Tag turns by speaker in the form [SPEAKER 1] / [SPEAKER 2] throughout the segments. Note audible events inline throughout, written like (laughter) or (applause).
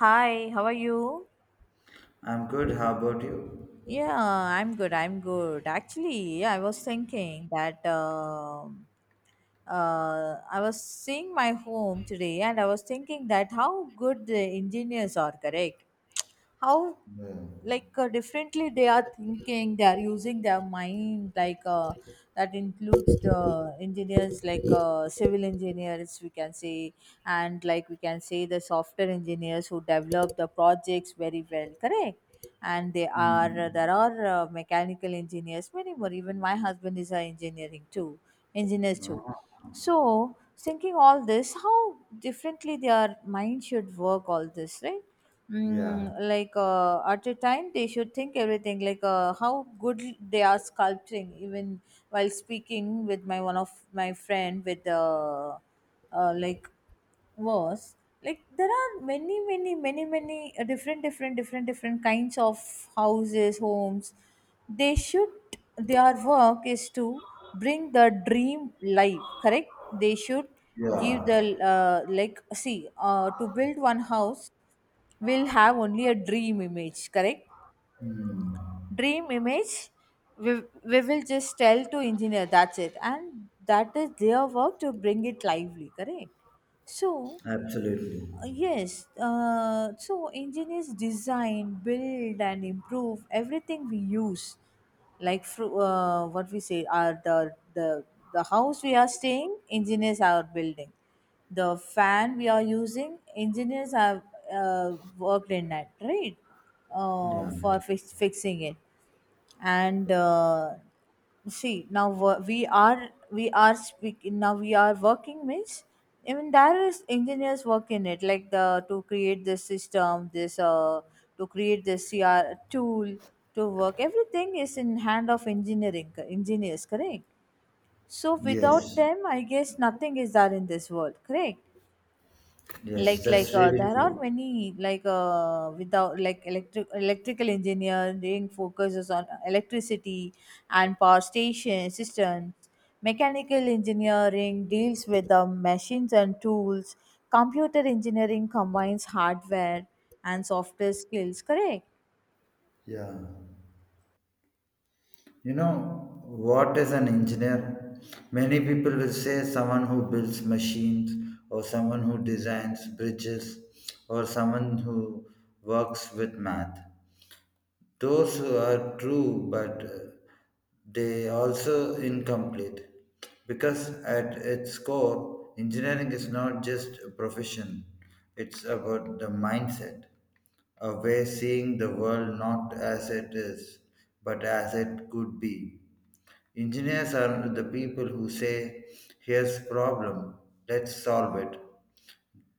[SPEAKER 1] Hi, how are you?
[SPEAKER 2] I'm good. How about you?
[SPEAKER 1] Yeah, I'm good. I'm good. Actually, yeah, I was thinking that I was seeing my home today and I was thinking that how good the engineers are, correct? How,
[SPEAKER 2] Yeah.
[SPEAKER 1] differently they are thinking, they are using their mind, that includes the engineers, civil engineers, we can say, and like we can say the software engineers who develop the projects very well, correct? And they
[SPEAKER 2] Hmm.
[SPEAKER 1] are there are mechanical engineers, many more. Even my husband is an engineering too, engineers too
[SPEAKER 2] Uh-huh.
[SPEAKER 1] so, thinking all this, how differently their mind should work all this, right?
[SPEAKER 2] Yeah.
[SPEAKER 1] At a time, they should think everything, how good they are sculpting. Even while speaking with my one of my friend with like was like there are many different kinds of houses homes they should, their work is to bring the dream life, correct? They should give the,
[SPEAKER 2] Yeah.
[SPEAKER 1] like see to build one house, will have only a dream image, correct?
[SPEAKER 2] Hmm.
[SPEAKER 1] Dream image, we will just tell to engineer, that's it, and that is their work to bring it lively, correct? So,
[SPEAKER 2] Absolutely.
[SPEAKER 1] yes, so engineers design, build, and improve everything we use, like what we say are the house we are staying, engineers are building, the fan we are using, engineers have uh, worked in that, right?
[SPEAKER 2] Yeah.
[SPEAKER 1] For fixing it. And see now, we are speaking now, we are working, means I mean there is engineers work in it, like the to create this system, this to create this cr tool, to work, everything is in hand of engineering engineers, correct? So without
[SPEAKER 2] Yes.
[SPEAKER 1] them, I guess nothing is there in this world, correct.
[SPEAKER 2] Yes, that's really
[SPEAKER 1] There are
[SPEAKER 2] true.
[SPEAKER 1] many, without like electrical engineering focuses on electricity and power station systems. Mechanical engineering deals with the machines and tools. Computer engineering combines hardware and software skills, correct.
[SPEAKER 2] Yeah. You know, what is an engineer? Many people will say someone who builds machines, or someone who designs bridges, or someone who works with math. Those are true, but they also incomplete because at its core, engineering is not just a profession, it's about the mindset, a way seeing the world not as it is, but as it could be. Engineers are the people who say, here's problem, let's solve it.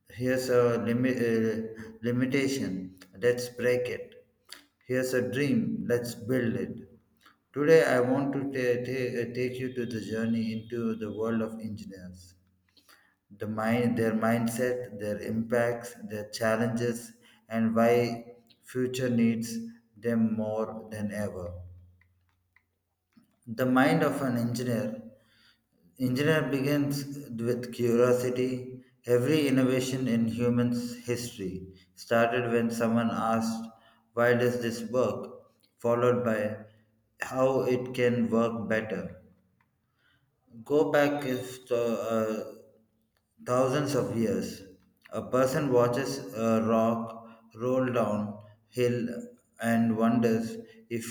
[SPEAKER 2] Here's a limi- limitation. Let's break it. Here's a dream. Let's build it. Today, I want to take you to the journey into the world of engineers, the mind, their mindset, their impacts, their challenges, and why future needs them more than ever. The mind of an engineer. Engineer begins with curiosity. Every innovation in human's history started when someone asked, why does this work? Followed by, how it can work better. Go back if the, thousands of years. A person watches a rock roll down hill and wonders if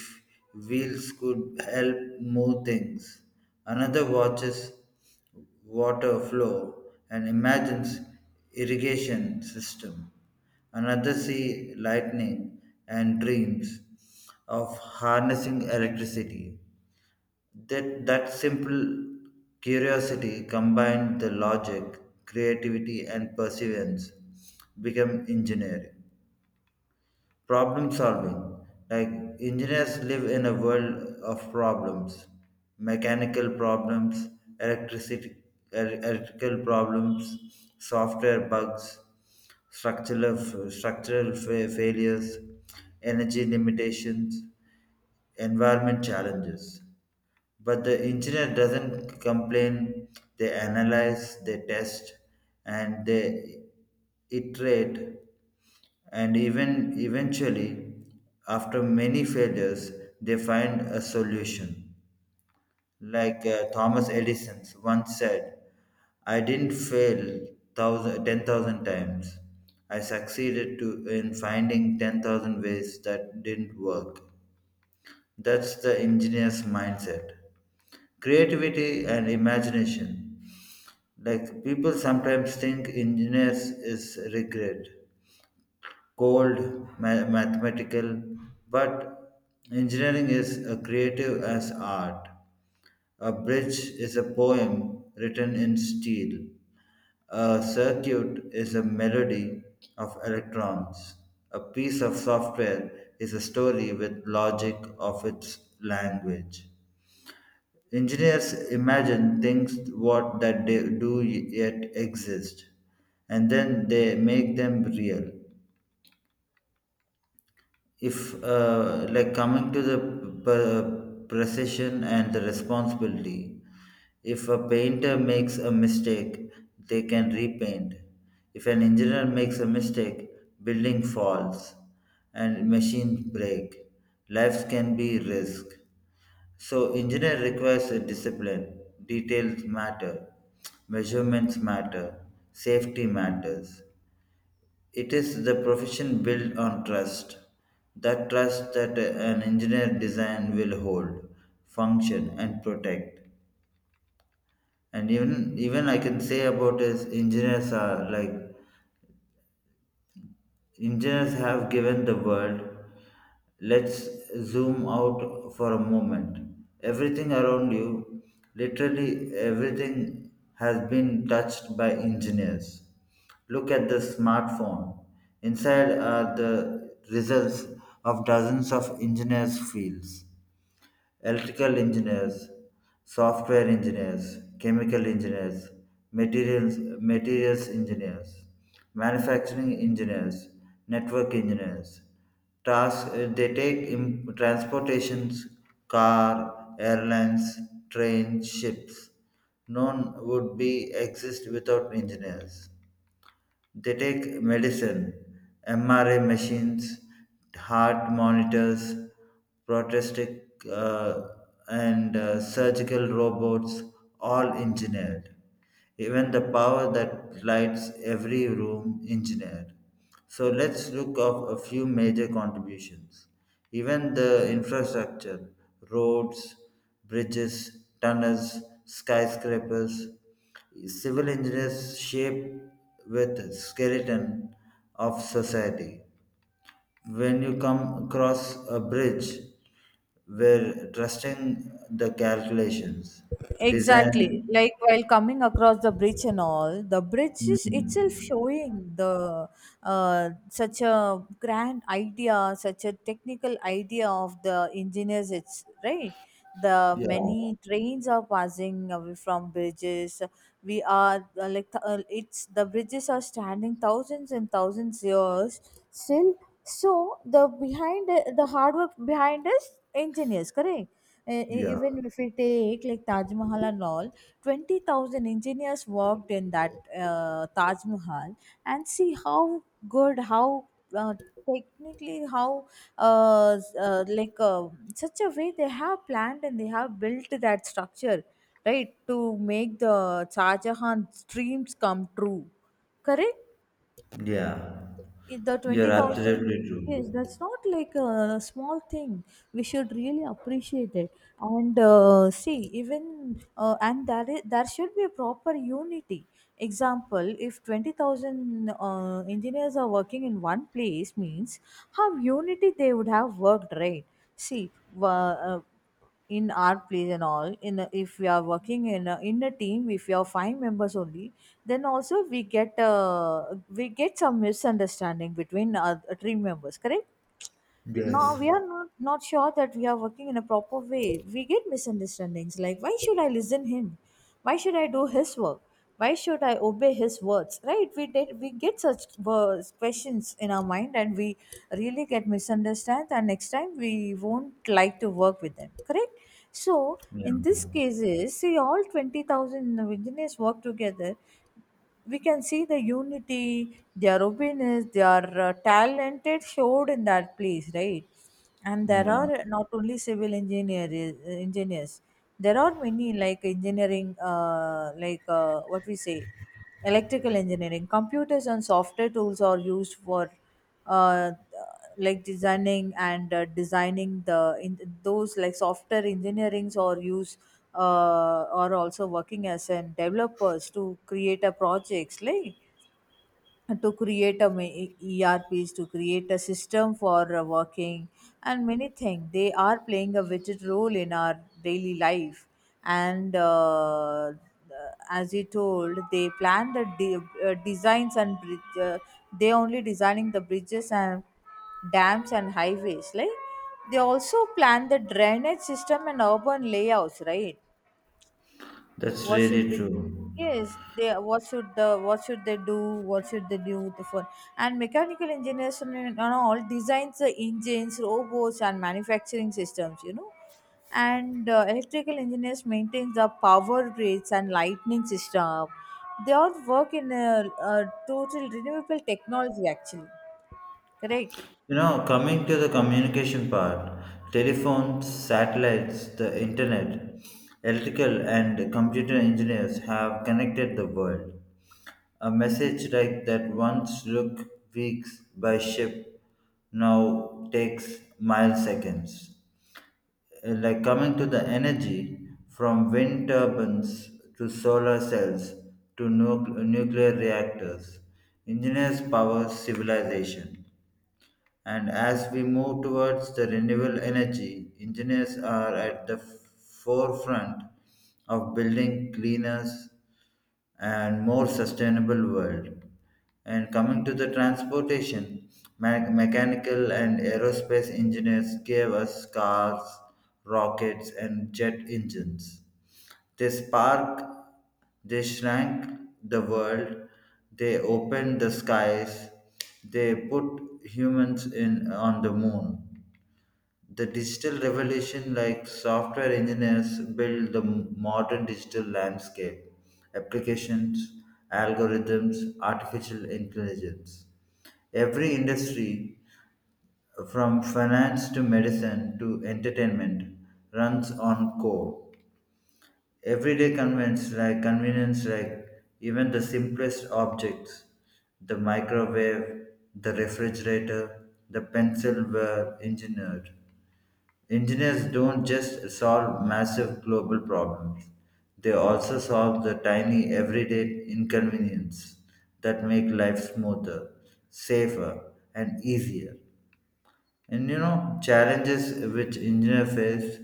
[SPEAKER 2] wheels could help move things. Another watches water flow and imagines irrigation system. Another see lightning and dreams of harnessing electricity. That simple curiosity combined the logic, creativity, and perseverance become engineering. Problem solving. Like engineers live in a world of problems, mechanical problems, electricity, electrical problems, software bugs, structural failures, energy limitations, environment challenges. But the engineer doesn't complain, they analyze, they test, and they iterate. And eventually, after many failures, they find a solution. Like Thomas Edison once said, I didn't fail 10,000 times. I succeeded to, in finding 10,000 ways that didn't work. That's the engineer's mindset. Creativity and imagination. Like people sometimes think engineers is rigid, cold, mathematical, but engineering is a creative as art. A bridge is a poem written in steel. A circuit is a melody of electrons. A piece of software is a story with logic of its language. Engineers imagine things what that they do yet exist, and then they make them real. If like coming to the precision and the responsibility, if a painter makes a mistake they can repaint, if an engineer makes a mistake building falls and machines break, lives can be risk. So engineer requires a discipline. Details matter, measurements matter, safety matters. It is the profession built on trust. That trust that an engineer design will hold, function and protect. And even I can say about is engineers are like engineers have given the world. Let's zoom out for a moment. Everything around you, literally everything, has been touched by engineers. Look at the smartphone. Inside are the results of dozens of engineers' fields, electrical engineers, software engineers, chemical engineers, materials engineers, manufacturing engineers, network engineers. Task, they take transportations, car, airlines, trains, ships. None would be exist without engineers. They take medicine, MRI machines, heart monitors, prosthetic and surgical robots, all engineered. Even the power that lights every room engineered. So let's look of a few major contributions. Even the infrastructure, roads, bridges, tunnels, skyscrapers, civil engineers shape with skeleton of society. When you come across a bridge, we're trusting the calculations,
[SPEAKER 1] Exactly.
[SPEAKER 2] design.
[SPEAKER 1] Like while coming across the bridge and all, the bridge is
[SPEAKER 2] Mm.
[SPEAKER 1] itself showing the, such a grand idea, such a technical idea of the engineers. It's right. The
[SPEAKER 2] Yeah,
[SPEAKER 1] many trains are passing away from bridges. We are, it's, the bridges are standing thousands and thousands years still. So the, behind the hard work behind us engineers, correct?
[SPEAKER 2] yeah.
[SPEAKER 1] Even if we take like Taj Mahal and all, 20,000 engineers worked in that Taj Mahal, and see how good, how uh, technically, how uh, s- uh, like uh, such a way they have planned and they have built that structure, right, to make the Shah Jahan's dreams come true. Correct?
[SPEAKER 2] yeah
[SPEAKER 1] If the
[SPEAKER 2] You're
[SPEAKER 1] 20,000,
[SPEAKER 2] absolutely true.
[SPEAKER 1] yes, that's not like a small thing. We should really appreciate it. And see, even, and there is, there should be a proper unity. Example, if 20,000 engineers are working in one place, means how unity they would have worked, right? See, uh, in our place and all, in a, if we are working in a team, if we are five members only, then also we get, we get some misunderstanding between our team members, correct? Now
[SPEAKER 2] Yes.
[SPEAKER 1] we are not sure that we are working in a proper way. We get misunderstandings like, why should I listen him? Why should I do his work? Why should I obey his words? Right? We get such questions in our mind, and we really get misunderstood, and next time we won't like to work with them. Correct? So
[SPEAKER 2] Yeah.
[SPEAKER 1] in this cases, see all 20,000 engineers work together, we can see the unity, their openness, their talented showed in that place, right? And there
[SPEAKER 2] Yeah.
[SPEAKER 1] are not only civil engineers. There are many like engineering, what we say, electrical engineering. Computers and software tools are used for uh, like designing and, designing the, in those like software engineerings or use, or also working as an developers to create a projects, like to create a ERPs, to create a system for working, and many things. They are playing a vital role in our daily life. And as you told, they plan the designs and bridge. They only designing the bridges and dams and highways. Like they also plan the drainage system and urban layouts, right?
[SPEAKER 2] That's
[SPEAKER 1] What should
[SPEAKER 2] really
[SPEAKER 1] we,
[SPEAKER 2] true.
[SPEAKER 1] yes, they, what should the, what should they do, what should they do with the phone? And mechanical engineers and all designs the engines, robots and manufacturing systems, you know. And electrical engineers maintain the power grids and lightning system. They all work in a total renewable technology actually, correct.
[SPEAKER 2] You know, coming to the communication part, telephones, satellites, the internet, electrical and computer engineers have connected the world. A message like that once looked weeks by ship now takes milliseconds. Like coming to the energy from wind turbines to solar cells to nuclear reactors, engineers power civilization. And as we move towards the renewable energy, engineers are at the forefront of building cleaner and more sustainable world. And coming to the transportation, mechanical and aerospace engineers gave us cars, rockets, and jet engines. They spark, they shrank the world, they opened the skies, they put humans in on the moon. The digital revolution, like software engineers build the modern digital landscape, applications, algorithms, artificial intelligence. Every industry from finance to medicine to entertainment runs on code. Everyday convenience like even the simplest objects, the microwave, the refrigerator, the pencil were engineered. Engineers don't just solve massive global problems, they also solve the tiny everyday inconvenience that make life smoother, safer and easier. And you know, challenges which engineers face,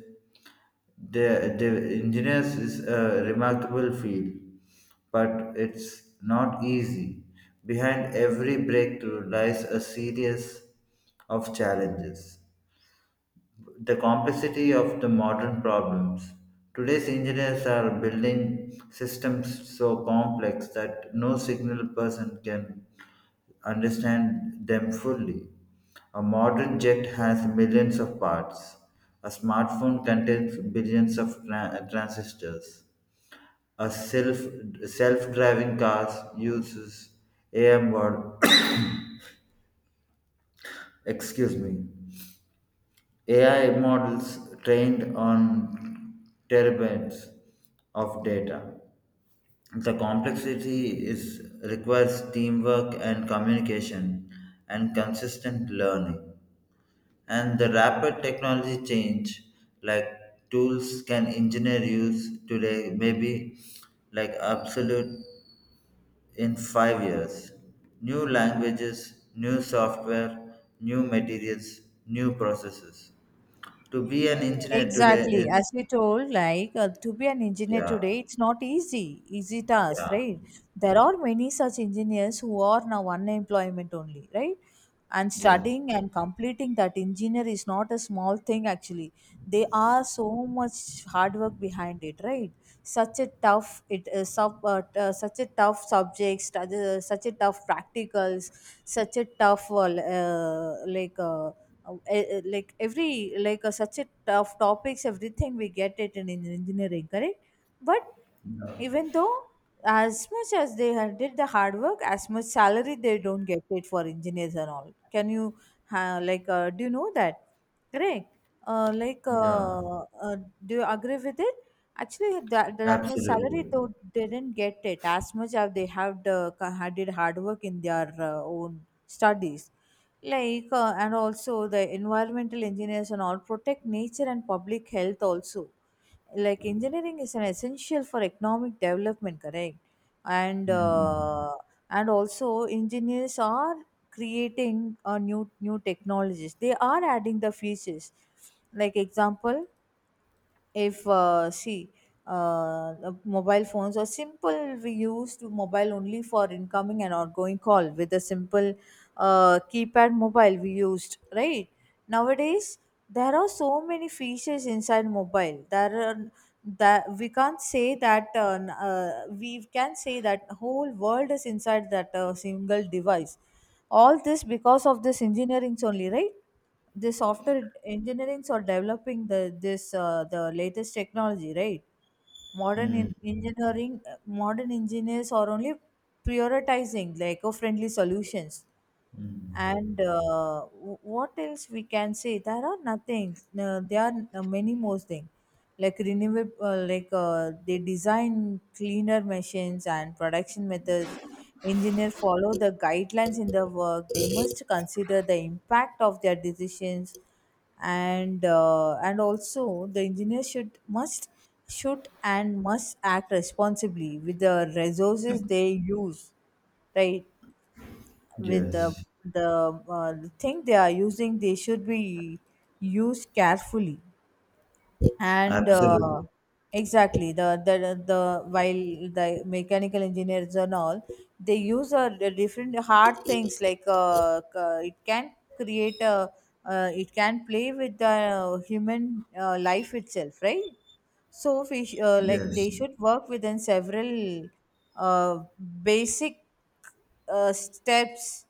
[SPEAKER 2] the engineers is a remarkable field, but it's not easy. Behind every breakthrough lies a series of challenges, the complexity of the modern problems. Today's engineers are building systems so complex that no single person can understand them fully. A modern jet has millions of parts. A smartphone contains billions of transistors. A self driving car uses AM word (coughs) excuse me AI models trained on terabytes of data. The complexity is requires teamwork and communication and consistent learning. And the rapid technology change, like tools can engineer use today, may be like absolute in 5 years. New languages, new software, new materials, new processes. To be an engineer today
[SPEAKER 1] Exactly.
[SPEAKER 2] is,
[SPEAKER 1] As we told, to be an engineer
[SPEAKER 2] yeah,
[SPEAKER 1] today, it's not easy task,
[SPEAKER 2] yeah,
[SPEAKER 1] right? There are many such engineers who are now unemployment only, right? And
[SPEAKER 2] yeah,
[SPEAKER 1] studying and completing that engineer is not a small thing actually. They are so much hard work behind it, right? Such a tough, such a tough subjects, such a tough practicals, such a tough l- like. Eh, eh, like every like such a tough topics, everything we get it in engineering, correct? But even though, as much as they had did the hard work, as much salary they don't get paid for engineers and all. Can you, do you know that? Correct. Uh, like
[SPEAKER 2] yeah,
[SPEAKER 1] uh, uh, do you agree with it? Actually, that much salary
[SPEAKER 2] absolutely.
[SPEAKER 1] though they didn't get it, as much as they have the, had did hard work in their own studies, and also the environmental engineers and all protect nature and public health also, like engineering is an essential for economic development, correct. And
[SPEAKER 2] Hmm.
[SPEAKER 1] and also engineers are creating new new technologies, they are adding the features, like example, if see, the mobile phones are simple, we used mobile only for incoming and outgoing call with a simple keypad mobile we used, right? Nowadays there are so many features inside mobile, there are, that we can't say that, we can say that whole world is inside that single device, all this because of this engineering only, right? The software engineers are developing the this, the latest technology, right? Modern
[SPEAKER 2] Hmm.
[SPEAKER 1] in engineering, modern engineers are only prioritizing the eco-friendly solutions.
[SPEAKER 2] Hmm.
[SPEAKER 1] And what else we can say, there are nothing, there are many more things, like renewable, they design cleaner machines and production methods. Engineers follow the guidelines in the work, they must consider the impact of their decisions. And and also the engineer should must, should and must act responsibly with the resources they use, right? With
[SPEAKER 2] Yes,
[SPEAKER 1] the thing they are using, they should be used carefully. And
[SPEAKER 2] absolutely.
[SPEAKER 1] exactly, the, the while the mechanical engineers and all, they use a different hard things, like, it can create a, it can play with the human life itself, right? So we sh- like
[SPEAKER 2] Yes,
[SPEAKER 1] they should work within several uh, basic steps,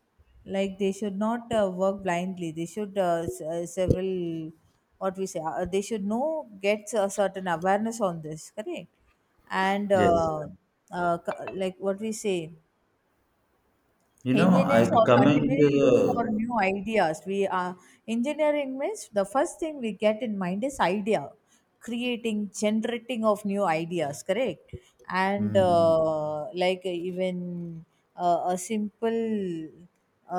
[SPEAKER 1] like they should not work blindly, they should, several, what we say, they should know, get a certain awareness on this, correct. And
[SPEAKER 2] yes.
[SPEAKER 1] like, what we say,
[SPEAKER 2] You know,
[SPEAKER 1] engineers
[SPEAKER 2] I
[SPEAKER 1] are
[SPEAKER 2] coming to
[SPEAKER 1] continually look for new
[SPEAKER 2] the,
[SPEAKER 1] ideas. We are, engineering means the first thing we get in mind is idea, creating generating of new ideas, correct. And
[SPEAKER 2] Hmm.
[SPEAKER 1] like, even a simple,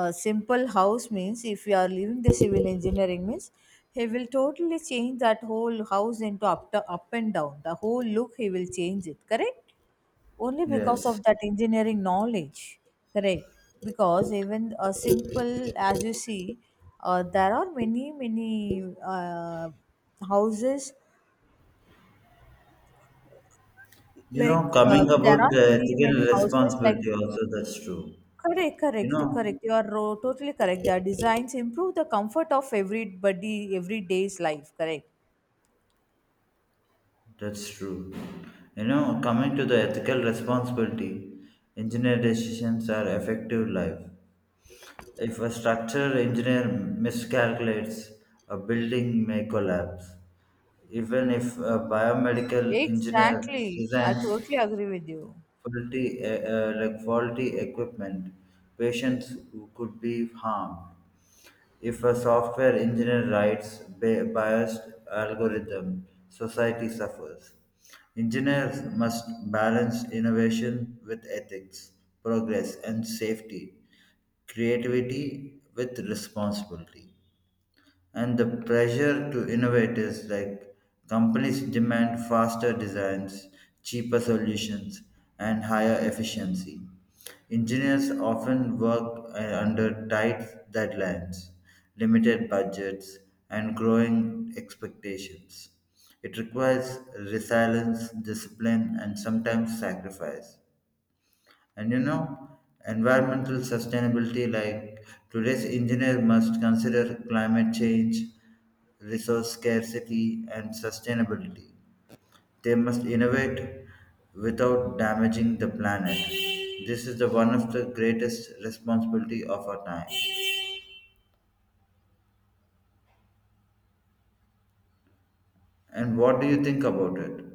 [SPEAKER 1] a simple house means, if you are leaving the civil engineering means, he will totally change that whole house into up, up and down, the whole look he will change it, correct. Only because
[SPEAKER 2] Yes.
[SPEAKER 1] of that engineering knowledge, correct. Because even a simple, as you see, there are many houses,
[SPEAKER 2] You know, coming
[SPEAKER 1] there
[SPEAKER 2] about
[SPEAKER 1] are
[SPEAKER 2] the
[SPEAKER 1] many many
[SPEAKER 2] ethical
[SPEAKER 1] houses, like,
[SPEAKER 2] responsibility also, that's true.
[SPEAKER 1] correct,
[SPEAKER 2] You
[SPEAKER 1] correct,
[SPEAKER 2] know,
[SPEAKER 1] correct, you are totally correct, their designs improve the comfort of everybody everyday's life, correct.
[SPEAKER 2] that's true. You know, coming to the ethical responsibility, engineer decisions are effective life. If a structural engineer miscalculates, a building may collapse. Even if a biomedical engineer
[SPEAKER 1] Exactly, I
[SPEAKER 2] designs
[SPEAKER 1] totally agree with you.
[SPEAKER 2] faulty, like faulty equipment, patients who could be harmed. If a software engineer writes biased algorithm, society suffers. Engineers must balance innovation with ethics, progress and safety, creativity with responsibility. And the pressure to innovate is like companies demand faster designs, cheaper solutions, and higher efficiency. Engineers often work under tight deadlines, limited budgets, and growing expectations. It requires resilience, discipline, and sometimes sacrifice. And you know, environmental sustainability, like today's engineer must consider climate change, resource scarcity, and sustainability. They must innovate without damaging the planet. This is the one of the greatest responsibility of our time. And what do you think about it?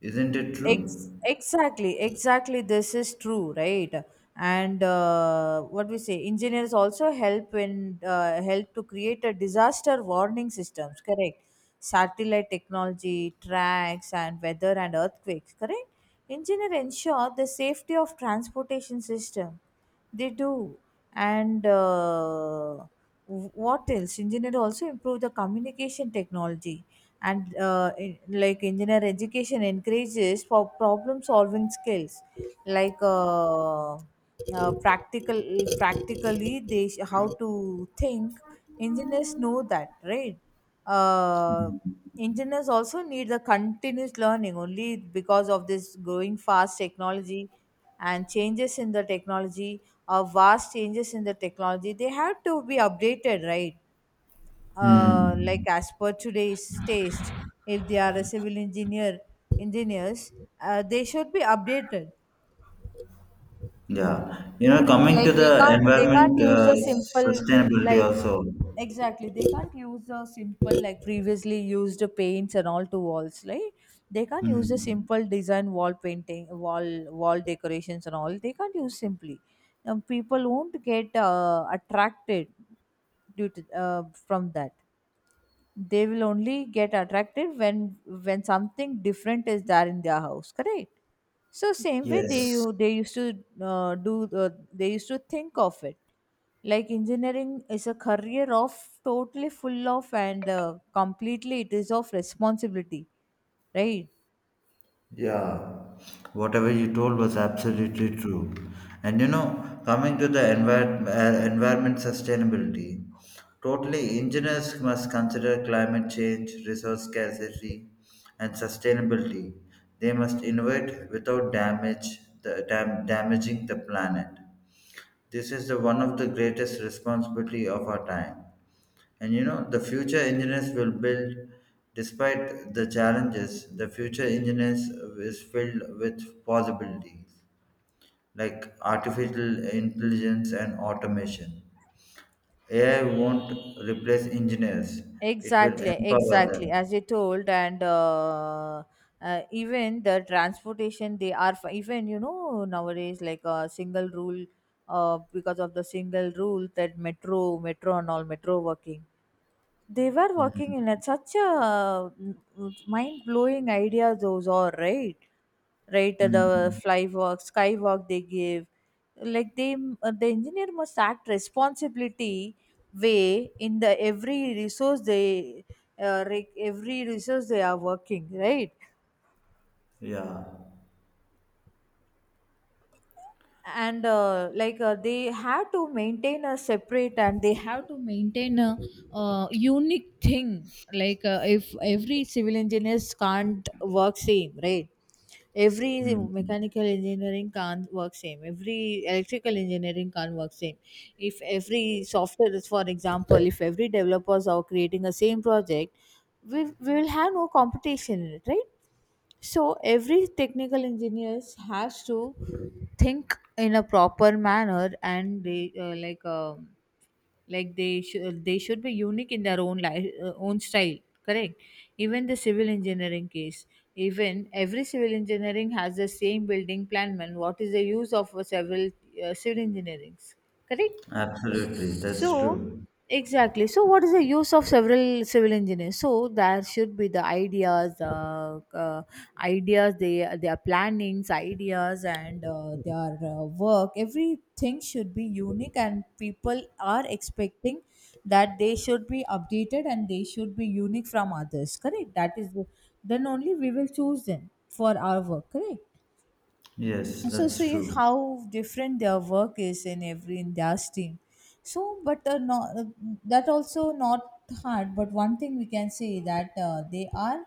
[SPEAKER 2] Isn't it true?
[SPEAKER 1] Exactly, exactly. This is true, right? And what we say, engineers also help in, help to create a disaster warning systems. Correct. Satellite technology, tracks, and weather and earthquakes. Correct. Engineer ensure the safety of transportation system. They do. And what else? Engineer also improve the communication technology. And like engineer education encourages for problem solving skills, practical, practically they how to think. Engineers know that, right? uh, Engineers also need the continuous learning only because of this growing fast technology and changes in the technology or vast changes in the technology they have to be updated, right? Like
[SPEAKER 2] Hmm.
[SPEAKER 1] as per today's taste, if they are a civil engineer, engineers, they should be updated.
[SPEAKER 2] Yeah. You know, coming
[SPEAKER 1] Like
[SPEAKER 2] to
[SPEAKER 1] they
[SPEAKER 2] the
[SPEAKER 1] can't they can't
[SPEAKER 2] environment
[SPEAKER 1] use a simple,
[SPEAKER 2] sustainability
[SPEAKER 1] like
[SPEAKER 2] also.
[SPEAKER 1] exactly they can't use a simple, like previously used paints and all to walls. Like, they can't use a
[SPEAKER 2] Hmm.
[SPEAKER 1] simple design wall painting, wall decorations and all, they can't use simply. People won't get attracted due to from that. They will only get attracted when something different is there in their house, correct? So same way
[SPEAKER 2] Yes.
[SPEAKER 1] they used to do they used to think of it, like engineering is a career of totally full of and completely it is of responsibility, right?
[SPEAKER 2] Yeah, whatever you told was absolutely true. And you know, coming to the environment sustainability, totally engineers must consider climate change, resource scarcity, and sustainability. They must innovate without damage the damaging the planet. This is the one of the greatest responsibility of our time. And you know, the future engineers will build, despite the challenges, the future engineers is filled with possibilities like artificial intelligence and automation. AI won't replace engineers, it will
[SPEAKER 1] Exactly,
[SPEAKER 2] empower
[SPEAKER 1] exactly.
[SPEAKER 2] them.
[SPEAKER 1] As you told, and even the transportation, they are even, you know, nowadays like a single rule, because of the single rule that metro, metro and all metro working, they were working in
[SPEAKER 2] Hmm.
[SPEAKER 1] it. Such a mind blowing idea, those are, right? Right, the
[SPEAKER 2] Hmm.
[SPEAKER 1] fly work, skywalk they give. Like they, the engineer must act responsibility way in the every resource they, every resource they are working, right?
[SPEAKER 2] Yeah.
[SPEAKER 1] And they have to maintain a separate, and they have to maintain a, unique thing, if every civil engineers can't work same, right? Every
[SPEAKER 2] Hmm.
[SPEAKER 1] mechanical engineering can't work same, every electrical engineering can't work same. If every software, is for example, if every developers are creating a same project, we will have no competition in it, right? So every technical engineers has to think in a proper manner, and they like they should be unique in their own life, own style. Correct. Even the civil engineering case, even every civil engineering has the same building plan. Man, what is the use of a civil, civil engineering? Correct.
[SPEAKER 2] Absolutely, that's
[SPEAKER 1] So,
[SPEAKER 2] true.
[SPEAKER 1] exactly. So, what is the use of several civil engineers? So there should be the ideas, ideas, they their plannings, ideas, and their work. Everything should be unique, and people are expecting that they should be updated and they should be unique from others. Correct. That is the, then only we will choose them for our work. Correct.
[SPEAKER 2] Yes,
[SPEAKER 1] So
[SPEAKER 2] that's
[SPEAKER 1] see
[SPEAKER 2] true.
[SPEAKER 1] how different their work is in every industry. So but that also not hard, but one thing we can say, that they are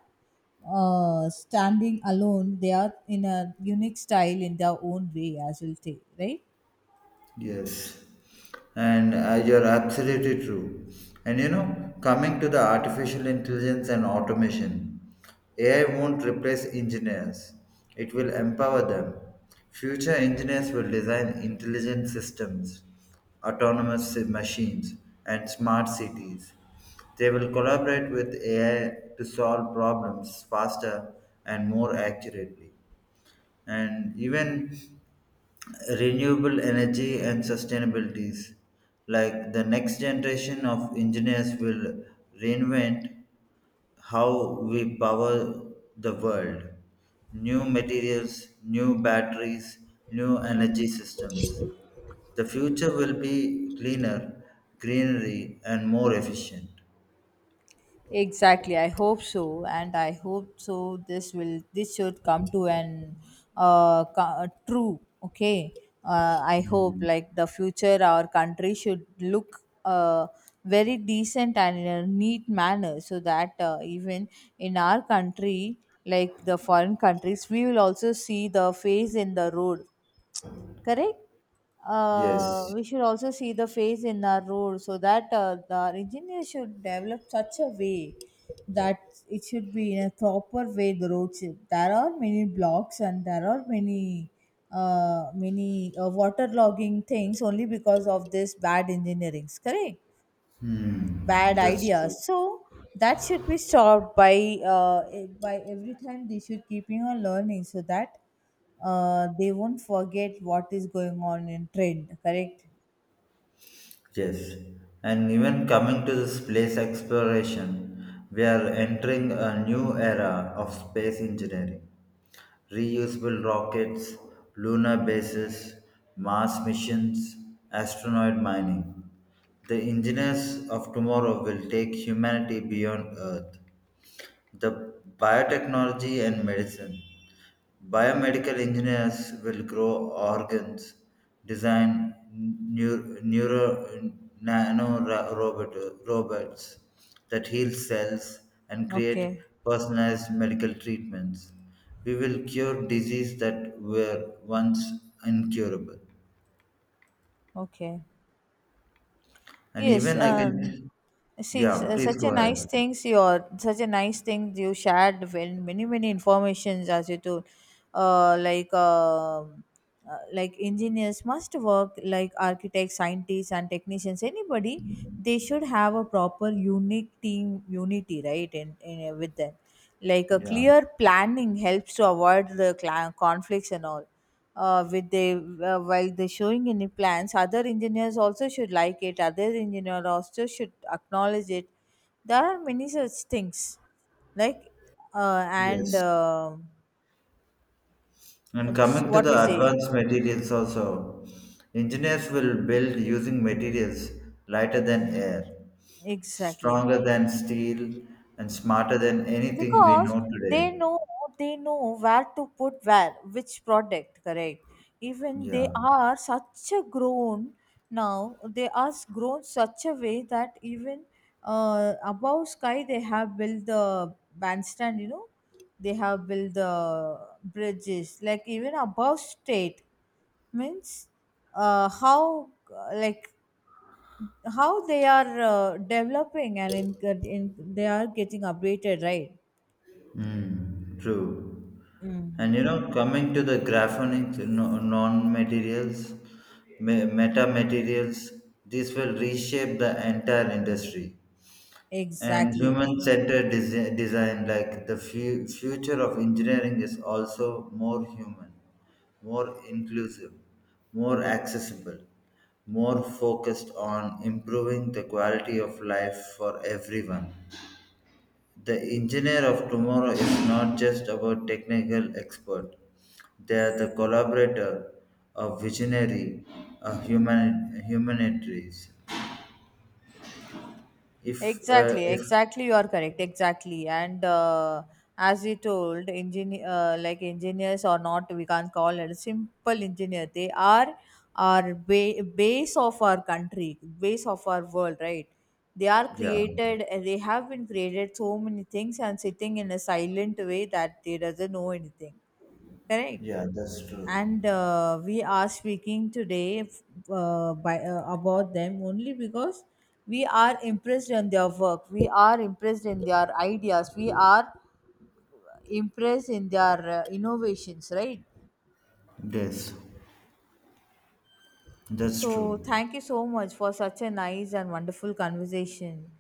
[SPEAKER 1] standing alone, they are in a unique style in their own way as well, say, right?
[SPEAKER 2] Yes, and you're absolutely true. And you know, coming to the artificial intelligence and automation, AI won't replace engineers, it will empower them. Future engineers will design intelligent systems, autonomous machines, and smart cities. They will collaborate with AI to solve problems faster and more accurately. And even renewable energy and sustainabilities, like the next generation of engineers will reinvent how we power the world, new materials, new batteries, new energy systems. The future will be cleaner, greenery, and more efficient.
[SPEAKER 1] Exactly. I hope so, and I hope so. This will this should come to an true. Okay. I hope like the future our country should look very decent and in a neat manner, so that even in our country, like the foreign countries, we will also see the face in the road, correct?
[SPEAKER 2] Yes.
[SPEAKER 1] We should also see the face in our road, so that the engineer should develop such a way that it should be in a proper way. The road should, there are many blocks, and there are many waterlogging things only because of this bad engineering, correct?
[SPEAKER 2] Hmm.
[SPEAKER 1] Bad
[SPEAKER 2] That's
[SPEAKER 1] idea.
[SPEAKER 2] true.
[SPEAKER 1] So that should be stopped by, by every time they should keeping on learning, so that they won't forget what is going on in trend. Correct.
[SPEAKER 2] Yes, and even coming to the space exploration, we are entering a new era of space engineering. Reusable rockets, lunar bases, Mars missions, asteroid mining. The engineers of tomorrow will take humanity beyond Earth. The biotechnology and medicine. Biomedical engineers will grow organs, design neuro robot, robots that heal cells, and create
[SPEAKER 1] Okay,
[SPEAKER 2] personalized medical treatments. We will cure diseases that were once incurable.
[SPEAKER 1] okay.
[SPEAKER 2] And
[SPEAKER 1] Yes,
[SPEAKER 2] even I can,
[SPEAKER 1] see,
[SPEAKER 2] yeah, please
[SPEAKER 1] such a
[SPEAKER 2] go
[SPEAKER 1] nice
[SPEAKER 2] ahead.
[SPEAKER 1] things, your such a nice thing you shared, when many many informations as you told. uh, like um like engineers must work like architects, scientists, and technicians. Anybody, they should have a proper unique team unity, right? In with them, like a
[SPEAKER 2] Yeah,
[SPEAKER 1] clear planning helps to avoid the cla conflicts and all. With they, while they're showing any plans, other engineers also should like it, other engineer also should acknowledge it. There are many such things like, and
[SPEAKER 2] yes. And
[SPEAKER 1] it's
[SPEAKER 2] coming to
[SPEAKER 1] what
[SPEAKER 2] the
[SPEAKER 1] we say.
[SPEAKER 2] advanced materials also, engineers will build using materials lighter than air,
[SPEAKER 1] Exactly,
[SPEAKER 2] stronger than steel, and smarter than anything we
[SPEAKER 1] because
[SPEAKER 2] know today.
[SPEAKER 1] they know, they know where to put where which product, correct? Even they
[SPEAKER 2] Yeah.
[SPEAKER 1] are such a grown, now they are grown such a way that even above sky they have built the bandstand, you know. They have built the bridges like even above state, means, uh, how uh, like how they are developing and in, they are getting updated, right?
[SPEAKER 2] Mm, true.
[SPEAKER 1] Mm,
[SPEAKER 2] And you know, coming to the graphonic no- non-materials, meta-materials, these will reshape the entire industry. And
[SPEAKER 1] exactly
[SPEAKER 2] human-centered design, like the future of engineering is also more human, more inclusive, more accessible, more focused on improving the quality of life for everyone. The engineer of tomorrow is not just about technical expert, they are the collaborator, a visionary, a humanitarian. if uh,
[SPEAKER 1] exactly
[SPEAKER 2] if
[SPEAKER 1] exactly, you are correct, exactly. And as we told engineer, like engineers or not, we can't call it a simple engineer, they are our base of our country, base of our world, right? They are
[SPEAKER 2] Yeah.
[SPEAKER 1] created, they have been created so many things and sitting in a silent way that they doesn't know anything. Correct.
[SPEAKER 2] Yeah, that's true.
[SPEAKER 1] And we are speaking today about them only because we are impressed in their work. We are impressed in their ideas. We are impressed in their innovations, right?
[SPEAKER 2] Yes, that's
[SPEAKER 1] So
[SPEAKER 2] true.
[SPEAKER 1] thank you so much for such a nice and wonderful conversation.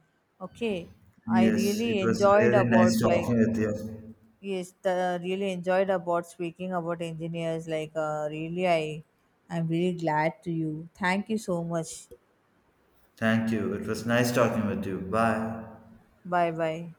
[SPEAKER 1] Okay, I
[SPEAKER 2] Yes, it
[SPEAKER 1] really
[SPEAKER 2] was
[SPEAKER 1] enjoyed
[SPEAKER 2] really nice
[SPEAKER 1] about, like,
[SPEAKER 2] talking with you.
[SPEAKER 1] yes, the, really enjoyed about speaking about engineers. Like, really, I, I'm really glad to you. Thank you so much.
[SPEAKER 2] Thank you. It was nice talking with you. Bye.
[SPEAKER 1] Bye bye.